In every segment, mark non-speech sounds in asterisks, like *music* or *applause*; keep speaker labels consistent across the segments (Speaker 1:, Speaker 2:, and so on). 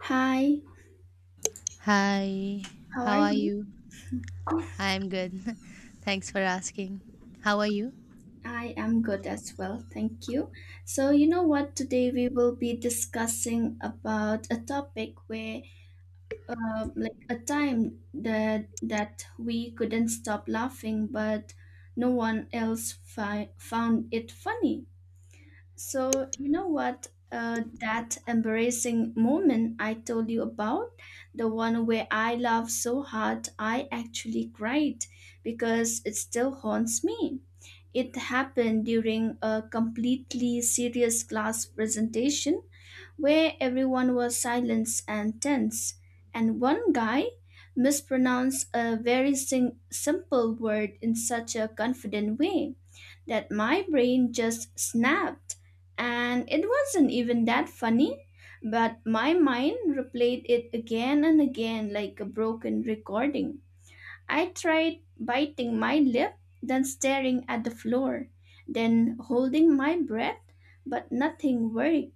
Speaker 1: Hi,
Speaker 2: Hi,
Speaker 1: how
Speaker 2: how
Speaker 1: are
Speaker 2: are
Speaker 1: you?
Speaker 2: you? I'm good. *laughs* Thanks for asking. How are you?
Speaker 1: I am good as well, thank you. So, you know what? Today we will be discussing about a topic where, like a time that we couldn't stop laughing, but no one else found it funny. So, you know what? That embarrassing moment I told you about, the one where I laughed so hard I actually cried because it still haunts me. It happened during a completely serious class presentation where everyone was silent and tense, and one guy mispronounced a very simple word in such a confident way that my brain just snapped. And it wasn't even that funny, but my mind replayed it again and again like a broken recording. I tried biting my lip, then staring at the floor, then holding my breath, but nothing worked.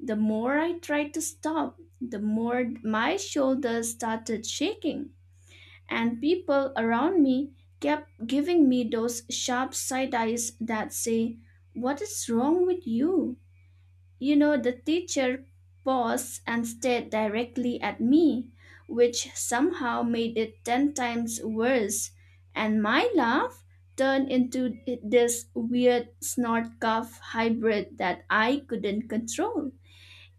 Speaker 1: The more I tried to stop, the more my shoulders started shaking, and people around me kept giving me those sharp side eyes that say, "What is wrong with you?" You know, the teacher paused and stared directly at me, which somehow made it ten times worse, and my laugh turned into this weird snort cough hybrid that I couldn't control.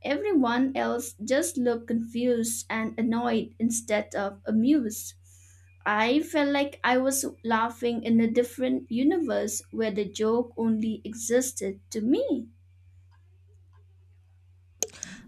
Speaker 1: Everyone else just looked confused and annoyed instead of amused. I felt like I was laughing in a different universe where the joke only existed to me.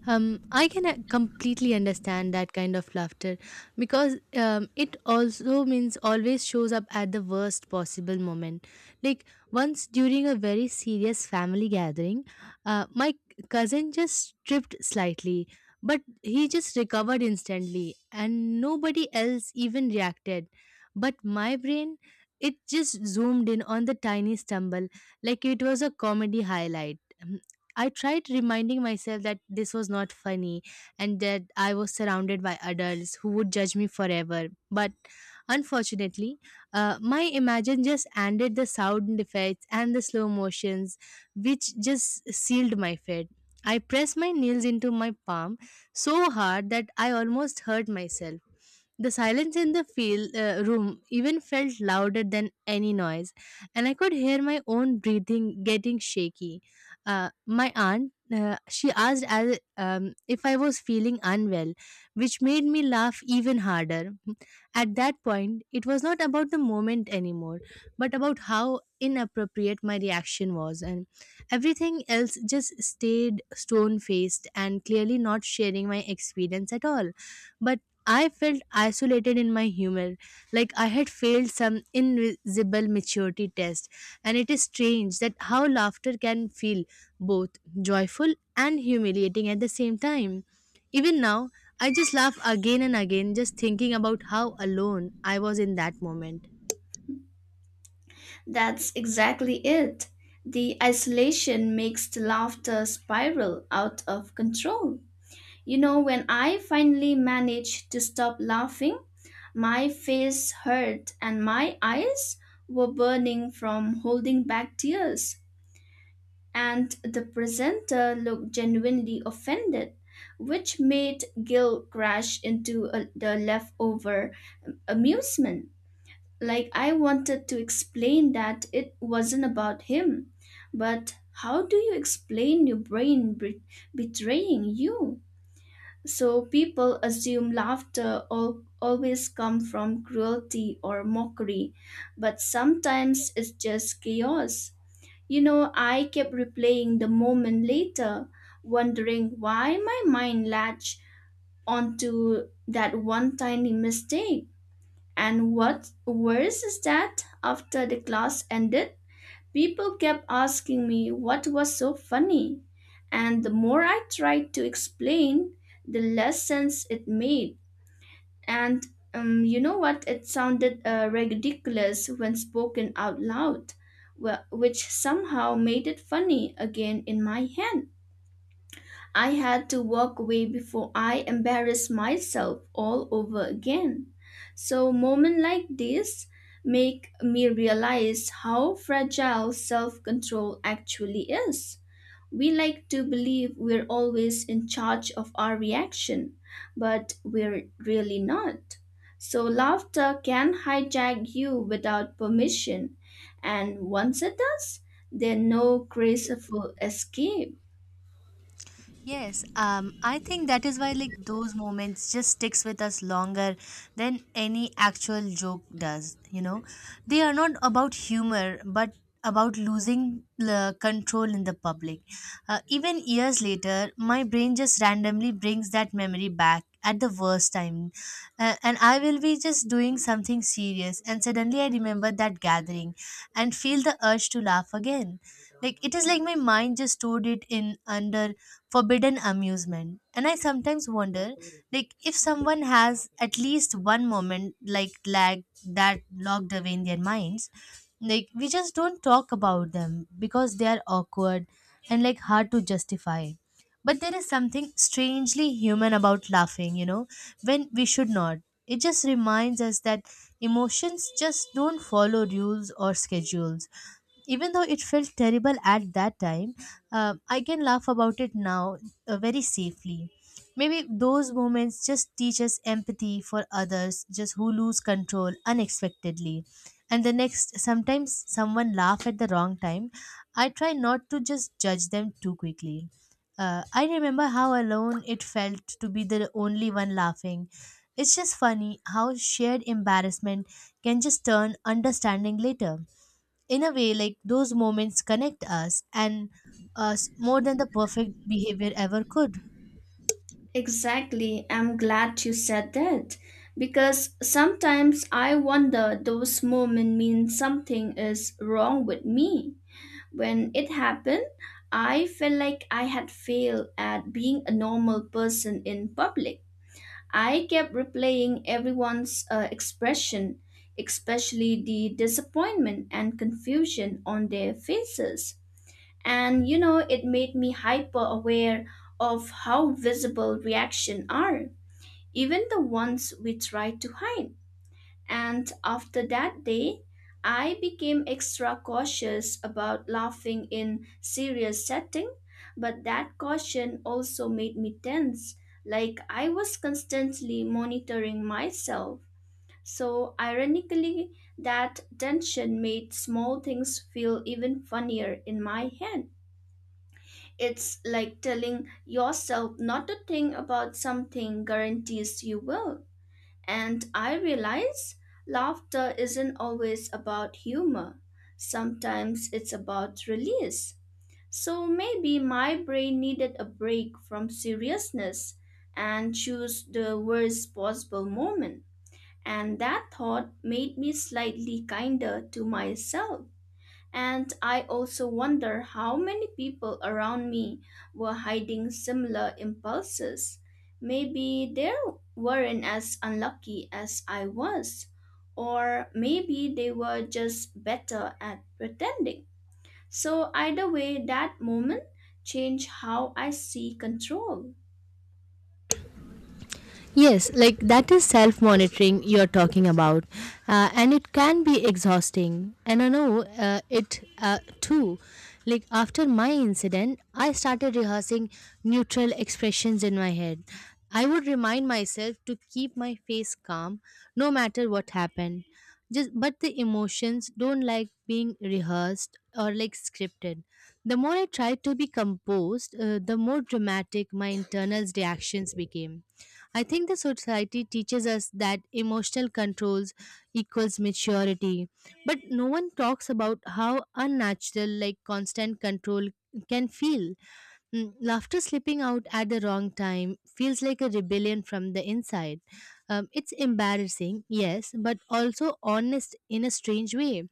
Speaker 2: I can completely understand that kind of laughter because it also means always shows up at the worst possible moment. Like, once during a very serious family gathering, my cousin just tripped slightly, but he just recovered instantly, and nobody else even reacted. But my brain, it just zoomed in on the tiny stumble like it was a comedy highlight. I tried reminding myself that this was not funny and that I was surrounded by adults who would judge me forever. But unfortunately, my imagination just ended the sound effects and the slow motions, which just sealed my fate. I pressed my nails into my palm so hard that I almost hurt myself. The silence in the field, room even felt louder than any noise, and I could hear my own breathing getting shaky. My aunt, she asked as, if I was feeling unwell, which made me laugh even harder. At that point, it was not about the moment anymore, but about how inappropriate my reaction was, and everything else just stayed stone faced and clearly not sharing my experience at all. But I felt isolated in my humor, like I had failed some invisible maturity test. And it is strange that how laughter can feel both joyful and humiliating at the same time. Even now, I just laugh again and again just thinking about how alone I was in that moment.
Speaker 1: That's exactly it. The isolation makes the laughter spiral out of control. You know, when I finally managed to stop laughing, my face hurt and my eyes were burning from holding back tears. And the presenter looked genuinely offended, which made Gil crash into the leftover amusement. Like, I wanted to explain that it wasn't about him, but how do you explain your brain betraying you? So, people assume laughter always come from cruelty or mockery, but sometimes it's just chaos. You know, I kept replaying the moment later, wondering why my mind latched onto that one tiny mistake, and what worse is that after the class ended, people kept asking me what was so funny. And the more I tried to explain, the less sense it made. And You know what? It sounded ridiculous when spoken out loud, which somehow made it funny again in my head. I had to walk away before I embarrassed myself all over again. So moments like this make me realize how fragile self-control actually is. We like to believe we're always in charge of our reaction, but we're really not. So laughter can hijack you without permission, and once it does, there's no graceful escape.
Speaker 2: Yes, I think that is why, like, those moments just sticks with us longer than any actual joke does. You know, they are not about humor, but about losing the control in the public. Even years later, my brain just randomly brings that memory back at the worst time, and I will be just doing something serious, and suddenly I remember that gathering, and feel the urge to laugh again, like it is like my mind just stored it in under forbidden amusement. And I sometimes wonder, like, if someone has at least one moment like lag that locked away in their minds. Like, we just don't talk about them because they are awkward and, like, hard to justify. But there is something strangely human about laughing when we should not. It just reminds us that emotions just don't follow rules or schedules. Even though it felt terrible at that time, I can laugh about it now, very safely. Maybe those moments just teach us empathy for others, just who lose control unexpectedly. And the next, sometimes someone laugh at the wrong time. I try not to just judge them too quickly. I remember how alone it felt to be the only one laughing. It's just funny how shared embarrassment can just turn understanding later, in a way like those moments connect us and us more than the perfect behavior ever could.
Speaker 1: Exactly. I'm glad you said that because sometimes I wonder those moments mean something is wrong with me. When it happened, I felt like I had failed at being a normal person in public. I kept replaying everyone's expression, especially the disappointment and confusion on their faces. And you know, it made me hyper aware of how visible reactions are, even the ones we tried to hide. And after that day, I became extra cautious about laughing in serious setting, but that caution also made me tense, like I was constantly monitoring myself. So ironically, that tension made small things feel even funnier in my head. It's like telling yourself not to think about something guarantees you will. And I realize laughter isn't always about humor. Sometimes it's about release. So maybe my brain needed a break from seriousness and choose the worst possible moment. And that thought made me slightly kinder to myself. And I also wonder how many people around me were hiding similar impulses. Maybe they weren't as unlucky as I was, or maybe they were just better at pretending. So, either way, that moment changed how I see control.
Speaker 2: Yes, like that is self monitoring you're talking about, and it can be exhausting. And I know, it, too. Like, after my incident, I started rehearsing neutral expressions in my head. I would remind myself to keep my face calm no matter what happened. But the emotions don't like being rehearsed or, like, scripted. The more I tried to be composed, the more dramatic my internal reactions became. I think the society teaches us that emotional controls equals maturity, but no one talks about how unnatural, like, constant control can feel. Mm. Laughter slipping out at the wrong time feels like a rebellion from the inside. It's embarrassing, yes, but also honest in a strange way.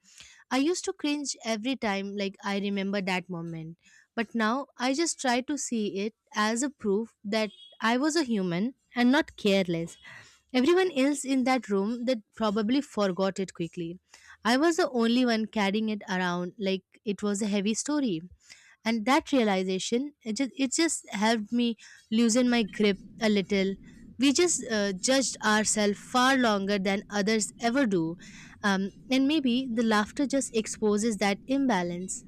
Speaker 2: I used to cringe every time, like I remember that moment. But now I just try to see it as a proof that I was a human and not careless. Everyone else in that room that probably forgot it quickly. I was the only one carrying it around like it was a heavy story, and that realization, it just helped me loosen my grip a little. We just judged ourselves far longer than others ever do. And maybe the laughter just exposes that imbalance.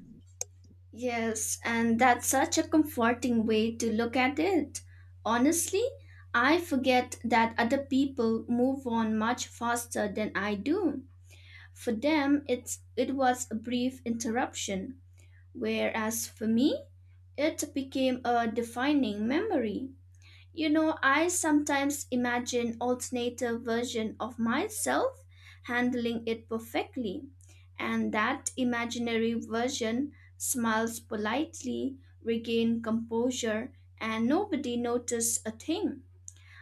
Speaker 1: Yes, and that's such a comforting way to look at it. Honestly, I forget that other people move on much faster than I do. For them, it was a brief interruption, whereas for me, it became a defining memory. You know, I sometimes imagine alternative version of myself handling it perfectly, and that imaginary version smiles politely, regain composure, and nobody notice a thing.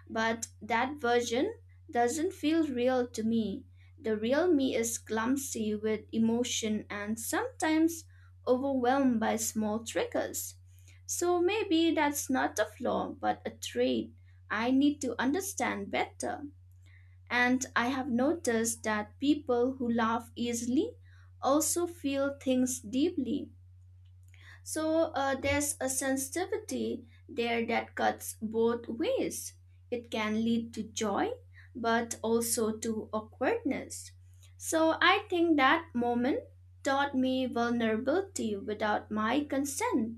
Speaker 1: But that version doesn't feel real to me. The real me is clumsy with emotion and sometimes overwhelmed by small triggers. So maybe that's not a flaw, but a trait I need to understand better. And I have noticed that people who laugh easily also feel things deeply, so there's a sensitivity there that cuts both ways. It can lead to joy, but also to awkwardness. So I think that moment taught me vulnerability without my consent.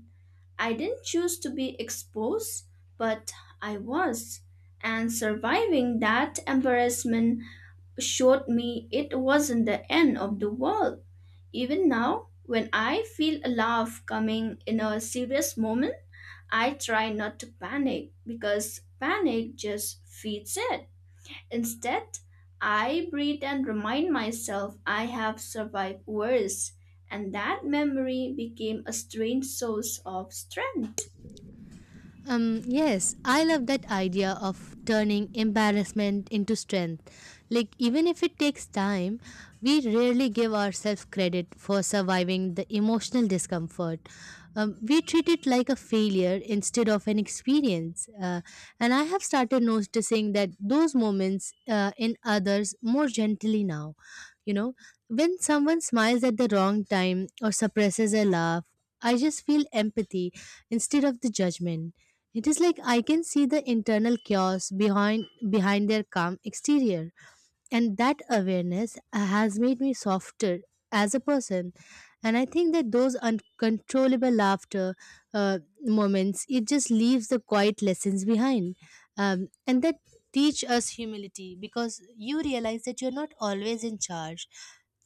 Speaker 1: I didn't choose to be exposed, but I was. And surviving that embarrassment showed me it wasn't the end of the world. Even now, when I feel a laugh coming in a serious moment, I try not to panic because panic just feeds it. Instead, I breathe and remind myself I have survived worse, and that memory became a strange source of strength.
Speaker 2: Yes, I love that idea of turning embarrassment into strength. Like, even if it takes time, we rarely give ourselves credit for surviving the emotional discomfort. We treat it like a failure instead of an experience. And I have started noticing that those moments, in others more gently now. You know, when someone smiles at the wrong time or suppresses a laugh, I just feel empathy instead of the judgment. It is like I can see the internal chaos behind their calm exterior. And that awareness has made me softer as a person. And I think that those uncontrollable laughter, moments, it just leaves the quiet lessons behind. And that teach us humility because you realize that you're not always in charge,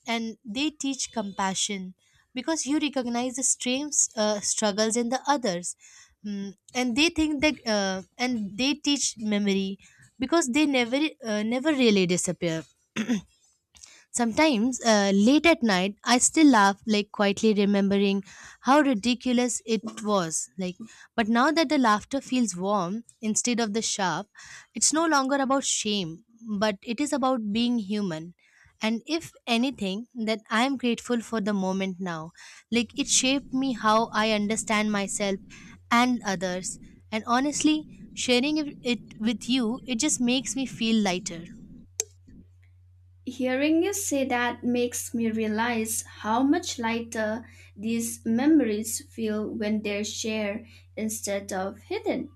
Speaker 2: and they teach compassion because you recognize the strange struggles in the others. Mm, and they think that, and they teach memory because they never really disappear. *clears throat* Sometimes, late at night, I still laugh, like, quietly remembering how ridiculous it was. Like, but now that the laughter feels warm instead of the sharp, it's no longer about shame, but it is about being human. And if anything, that I am grateful for the moment now. Like, it shaped me how I understand myself and others. And honestly, sharing it with you, it just makes me feel lighter.
Speaker 1: Hearing you say that makes me realize how much lighter these memories feel when they're shared instead of hidden.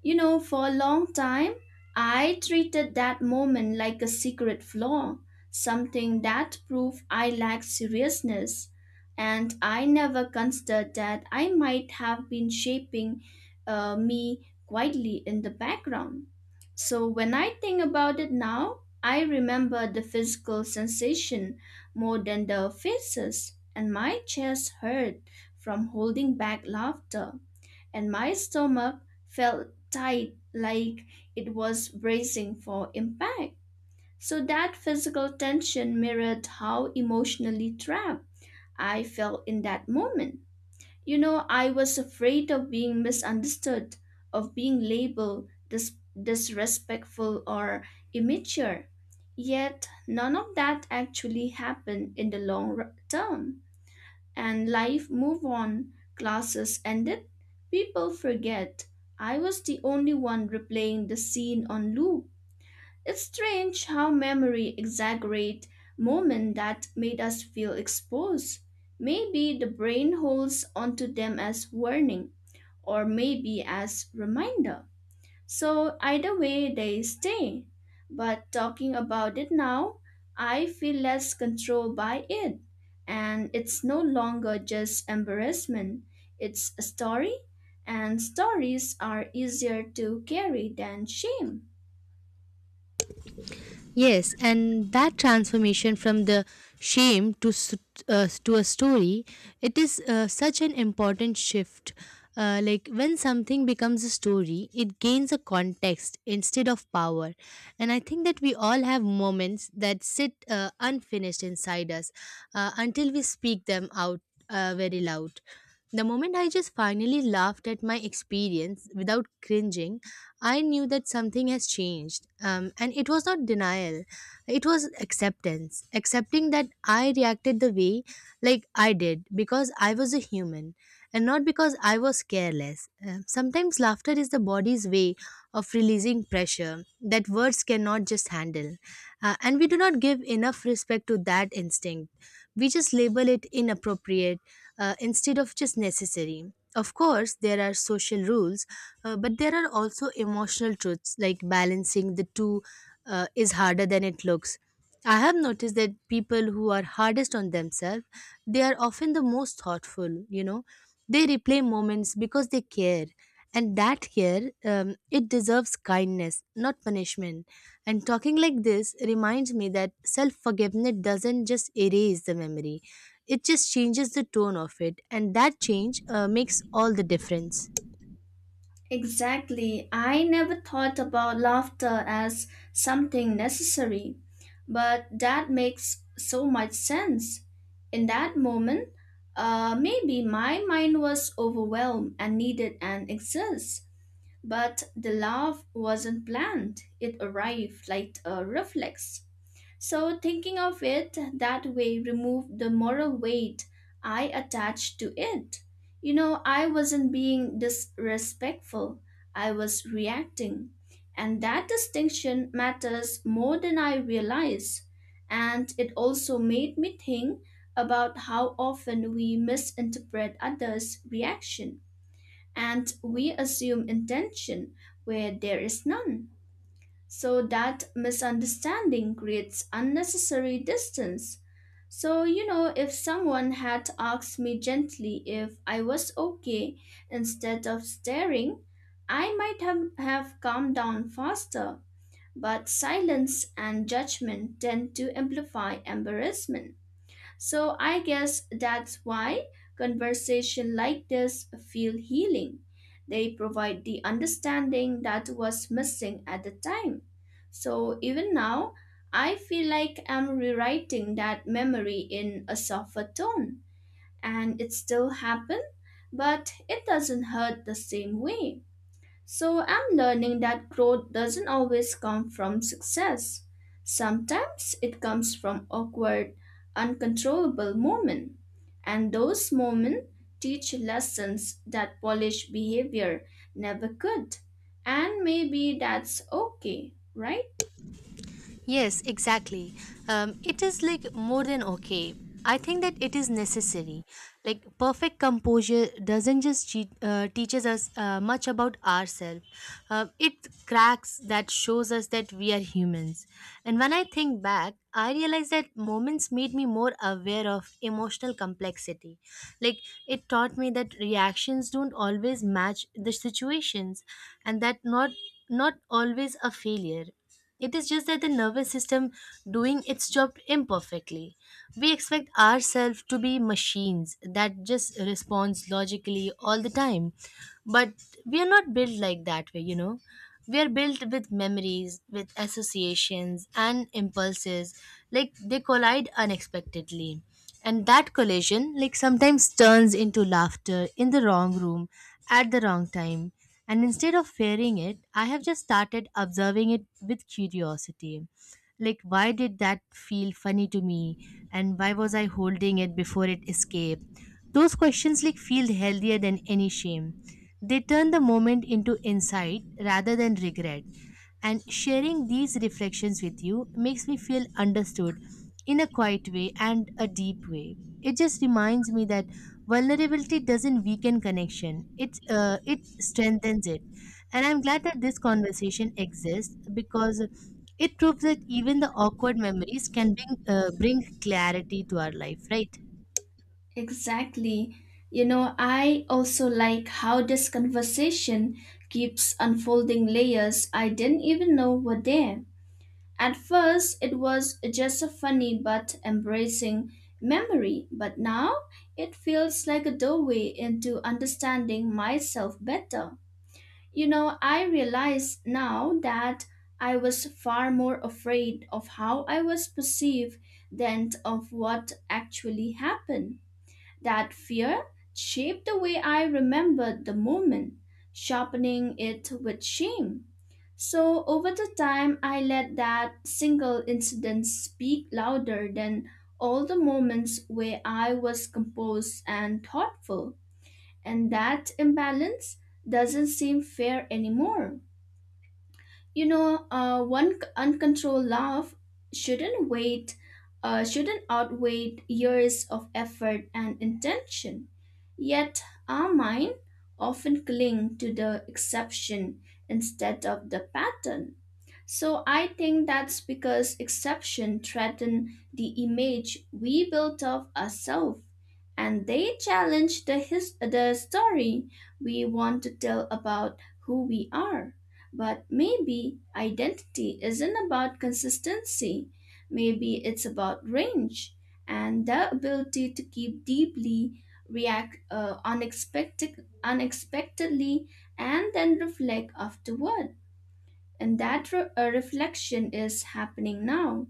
Speaker 1: You know, for a long time, I treated that moment like a secret flaw, something that proved I lacked seriousness. And I never considered that I might have been shaping me quietly in the background. So when I think about it now, I remember the physical sensation more than the faces, and my chest hurt from holding back laughter and my stomach felt tight like it was bracing for impact. So that physical tension mirrored how emotionally trapped I felt in that moment. You know, I was afraid of being misunderstood, of being labeled disrespectful or immature. Yet, none of that actually happened in the long term, and life moved on, classes ended, people forget. I was the only one replaying the scene on loop. It's strange how memory exaggerate moments that made us feel exposed. Maybe the brain holds onto them as warning, or maybe as reminder. So either way, they stay. But talking about it now, I feel less control by it. And it's no longer just embarrassment, it's a story. And stories are easier to carry than shame.
Speaker 2: Yes, and that transformation from the shame to to a story, it is, such an important shift. Like, when something becomes a story, it gains a context instead of power. And I think that we all have moments that sit, unfinished inside us, until we speak them out, very loud. The moment I just finally laughed at my experience without cringing, I knew that something has changed, and it was not denial, it was acceptance. Accepting that I reacted the way, like, I did because I was a human and not because I was careless. Sometimes laughter is the body's way of releasing pressure that words cannot just handle. And we do not give enough respect to that instinct. We just label it inappropriate, instead of just necessary. Of course there are social rules, but there are also emotional truths, like balancing the two, is harder than it looks. I have noticed that people who are hardest on themselves, they are often the most thoughtful, you know. They replay moments because they care. And that care, it deserves kindness, not punishment. And talking like this reminds me that self forgiveness doesn't just erase the memory, it just changes the tone of it. And that change, makes all the difference.
Speaker 1: Exactly. I never thought about laughter as something necessary, but that makes so much sense. In that moment, maybe my mind was overwhelmed and needed an exercise, but the laugh wasn't planned. It arrived like a reflex. So, thinking of it that way removed the moral weight I attached to it. You know, I wasn't being disrespectful, I was reacting. And that distinction matters more than I realize. And it also made me think about how often we misinterpret others' reaction, and we assume intention where there is none. So that misunderstanding creates unnecessary distance. So, you know, if someone had asked me gently if I was okay instead of staring, I might have calmed down faster. But silence and judgment tend to amplify embarrassment. So I guess that's why conversation like this feel healing. They provide the understanding that was missing at the time. So even now, I feel like I'm rewriting that memory in a softer tone. And it still happened, but it doesn't hurt the same way. So I'm learning that growth doesn't always come from success. Sometimes it comes from awkward, uncontrollable moments. And those moments teach lessons that polished behavior never could. And maybe that's okay, right?
Speaker 2: Yes, exactly. It is like more than okay. I think that it is necessary. Like, perfect composure doesn't just teaches us, much about ourselves. It cracks that shows us that we are humans. And when I think back, I realize that moments made me more aware of emotional complexity. Like, it taught me that reactions don't always match the situations, and that not always a failure. It is just that the nervous system doing its job imperfectly. We expect ourselves to be machines that just responds logically all the time, but we are not built like that way. We are built with memories, with associations and impulses, like they collide unexpectedly. And that collision, like, sometimes turns into laughter in the wrong room at the wrong time. And instead of fearing it, I have just started observing it with curiosity, like, why did that feel funny to me, and why was I holding it before it escaped. Those questions, like, feel healthier than any shame. They turn the moment into insight rather than regret. And sharing these reflections with you makes me feel understood in a quiet way and a deep way. It just reminds me that vulnerability doesn't weaken connection, it strengthens it. And I'm glad that this conversation exists because it proves that even the awkward memories can bring clarity to our life, right?
Speaker 1: Exactly. You know, I also like how this conversation keeps unfolding layers I didn't even know were there. At first, it was just a funny but embracing memory, but now it feels like a doorway into understanding myself better. You know, I realize now that I was far more afraid of how I was perceived than of what actually happened. That fear shaped the way I remembered the moment, sharpening it with shame. So over the time, I let that single incident speak louder than all the moments where I was composed and thoughtful. And that imbalance doesn't seem fair anymore. You know, one uncontrolled laugh shouldn't wait shouldn't outweigh years of effort and intention, yet our mind often cling to the exception instead of the pattern. So I think that's because exception threaten the image we built of ourselves, and they challenge the story we want to tell about who we are. But maybe identity isn't about consistency. Maybe it's about range and the ability to keep deeply, react unexpectedly, and then reflect afterward. And that reflection is happening now,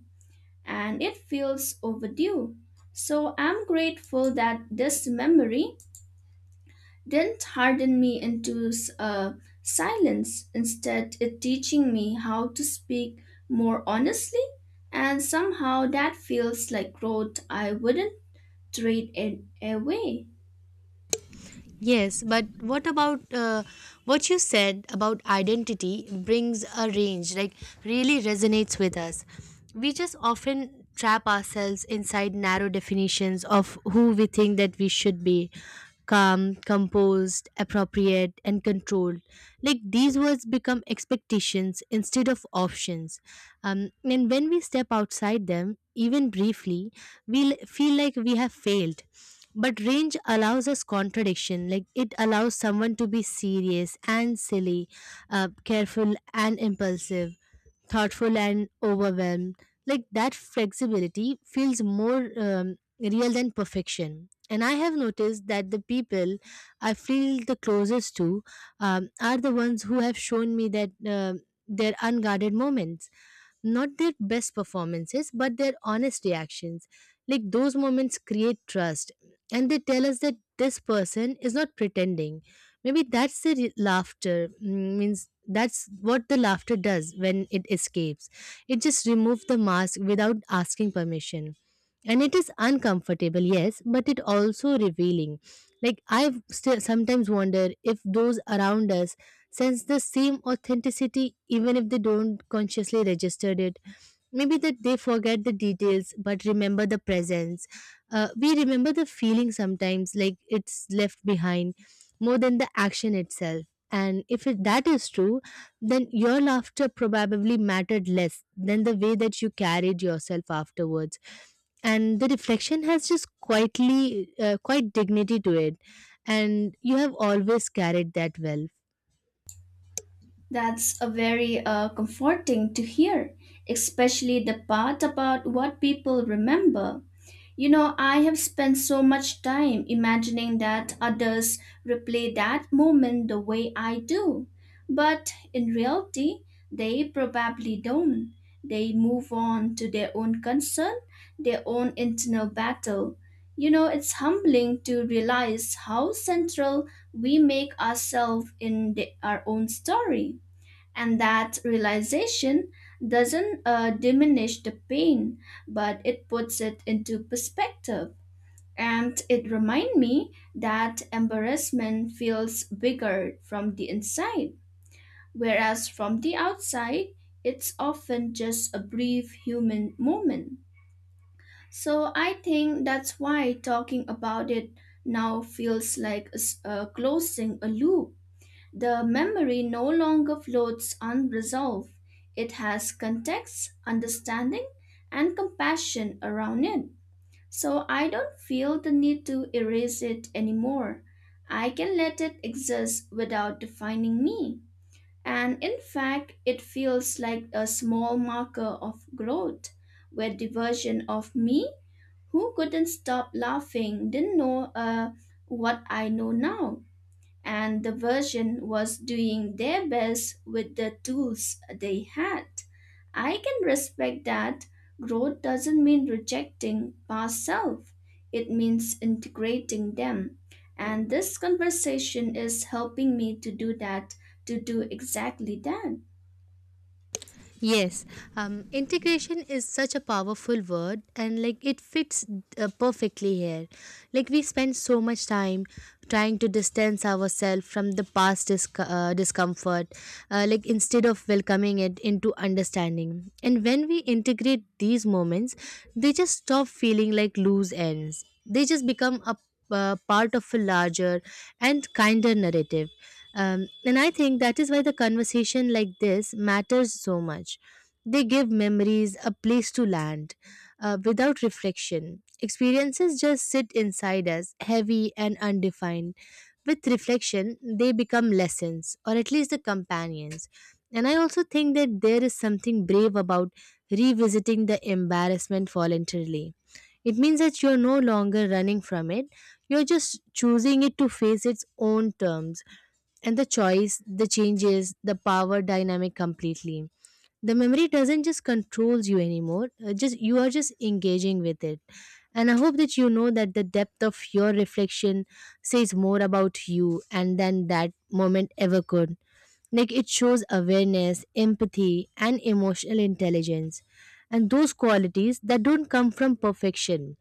Speaker 1: and it feels overdue. So I'm grateful that this memory didn't harden me into uh, silence. Instead, it teaching me how to speak more honestly, and somehow that feels like growth. I wouldn't trade it away.
Speaker 2: Yes, but what you said about identity brings a range, like, really resonates with us. We just often trap ourselves inside narrow definitions of who we think that we should be: calm, composed, appropriate, and controlled. Like, these words become expectations instead of options. And when we step outside them, even briefly, we feel like we have failed, but range allows us contradiction. Like, it allows someone to be serious and silly, careful and impulsive, thoughtful and overwhelmed. Like, that flexibility feels more, real than perfection. And I have noticed that the people I feel the closest to, are the ones who have shown me that, their unguarded moments, not their best performances but their honest reactions, like, those moments create trust. And they tell us that this person is not pretending. Maybe that's the laughter. Means that's what the laughter does when it escapes. It just removes the mask without asking permission. And it is uncomfortable, yes, but it also revealing. Like, I still sometimes wonder if those around us sense the same authenticity even if they don't consciously register it. Maybe that they forget the details but remember the presence. We remember the feeling sometimes, like it's left behind more than the action itself. And if it, that is true, then your laughter probably mattered less than the way that you carried yourself afterwards. And the reflection has just quietly, quite dignity to it. And you have always carried that well.
Speaker 1: That's a very comforting to hear, especially the part about what people remember. You know, I have spent so much time imagining that others replay that moment the way I do. But in reality, they probably don't. They move on to their own concern, their own internal battle. You know, it's humbling to realize how central we make ourselves in our own story. And that realization doesn't diminish the pain, but it puts it into perspective. And it reminds me that embarrassment feels bigger from the inside, whereas from the outside, it's often just a brief human moment. So I think that's why talking about it now feels like closing a loop. The memory no longer floats unresolved. It has context, understanding, and compassion around it. So I don't feel the need to erase it anymore. I can let it exist without defining me. And in fact, it feels like a small marker of growth, where the version of me who couldn't stop laughing didn't know what I know now, and the version was doing their best with the tools they had. I can respect that growth doesn't mean rejecting past self, it means integrating them. And this conversation is helping me to do that, to do exactly that.
Speaker 2: Yes, integration is such a powerful word, and, like, it fits, perfectly here. Like, we spend so much time trying to distance ourselves from the past discomfort, like, instead of welcoming it into understanding. And when we integrate these moments, they just stop feeling like loose ends. They just become a, part of a larger and kinder narrative. And I think that is why the conversation like this matters so much. They give memories a place to land, without reflection. Experiences just sit inside us, heavy and undefined. With reflection, they become lessons, or at least the companions. And I also think that there is something brave about revisiting the embarrassment voluntarily. It means that you're no longer running from it, you're just choosing it to face its own terms, and the choice, the changes, the power dynamic completely. The memory doesn't just controls you anymore. Just you are just engaging with it. And I hope that you know that the depth of your reflection says more about you and than that moment ever could. Like, it shows awareness, empathy, and emotional intelligence. And those qualities that don't come from perfection,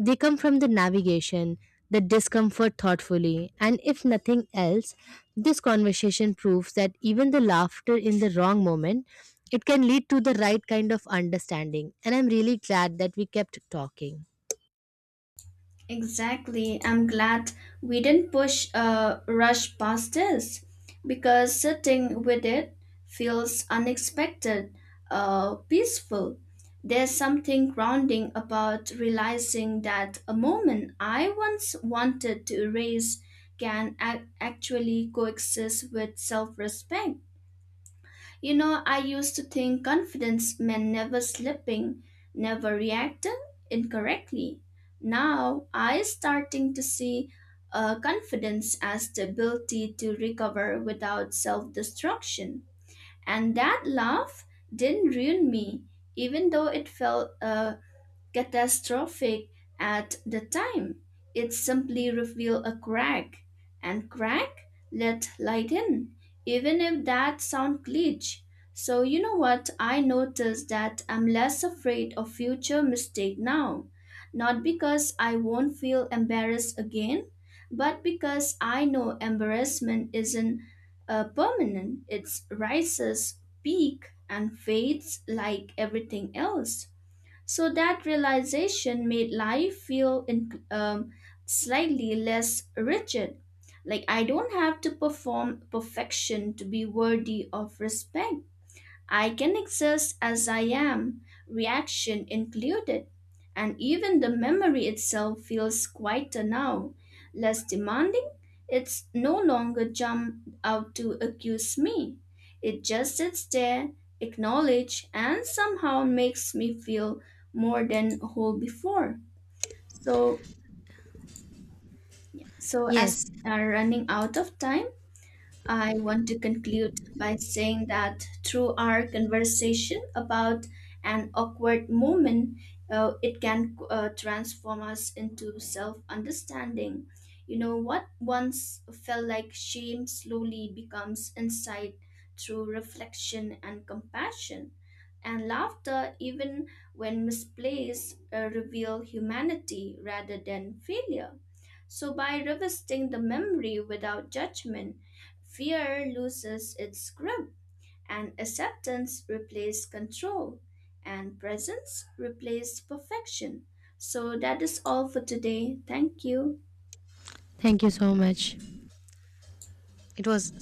Speaker 2: they come from the navigation, the discomfort thoughtfully, and if nothing else, this conversation proves that even the laughter in the wrong moment, it can lead to the right kind of understanding. And I'm really glad that we kept talking.
Speaker 1: Exactly. I'm glad we didn't push rush past this because sitting with it feels peaceful. There's something grounding about realizing that a moment I once wanted to erase can actually coexist with self respect. You know, I used to think confidence meant never slipping, never reacting incorrectly. Now I starting to see confidence as the ability to recover without self-destruction. And that laugh didn't ruin me, even though it felt catastrophic at the time. It simply revealed a crack, and crack let light in, even if that sound glitch. So you know what? I noticed that I'm less afraid of future mistake now, not because I won't feel embarrassed again, but because I know embarrassment isn't permanent. It rises, peak, and fades like everything else. So that realization made life feel slightly less rigid. Like I don't have to perform perfection to be worthy of respect. I can exist as I am, reaction included, and even the memory itself feels quieter now, less demanding. It's no longer jumped out to accuse me. It just sits there, acknowledge, and somehow makes me feel more than whole before. So, so as
Speaker 2: Yes,
Speaker 1: we are running out of time, I want to conclude by saying that through our conversation about an awkward moment, it can transform us into self understanding. You know, what once felt like shame slowly becomes insight through reflection and compassion. And laughter, even when misplaced, reveal humanity rather than failure. So, by revisiting the memory without judgment, fear loses its grip, and acceptance replaces control, and presence replaces perfection. So that is all for today. Thank you.
Speaker 2: thank you so much. It was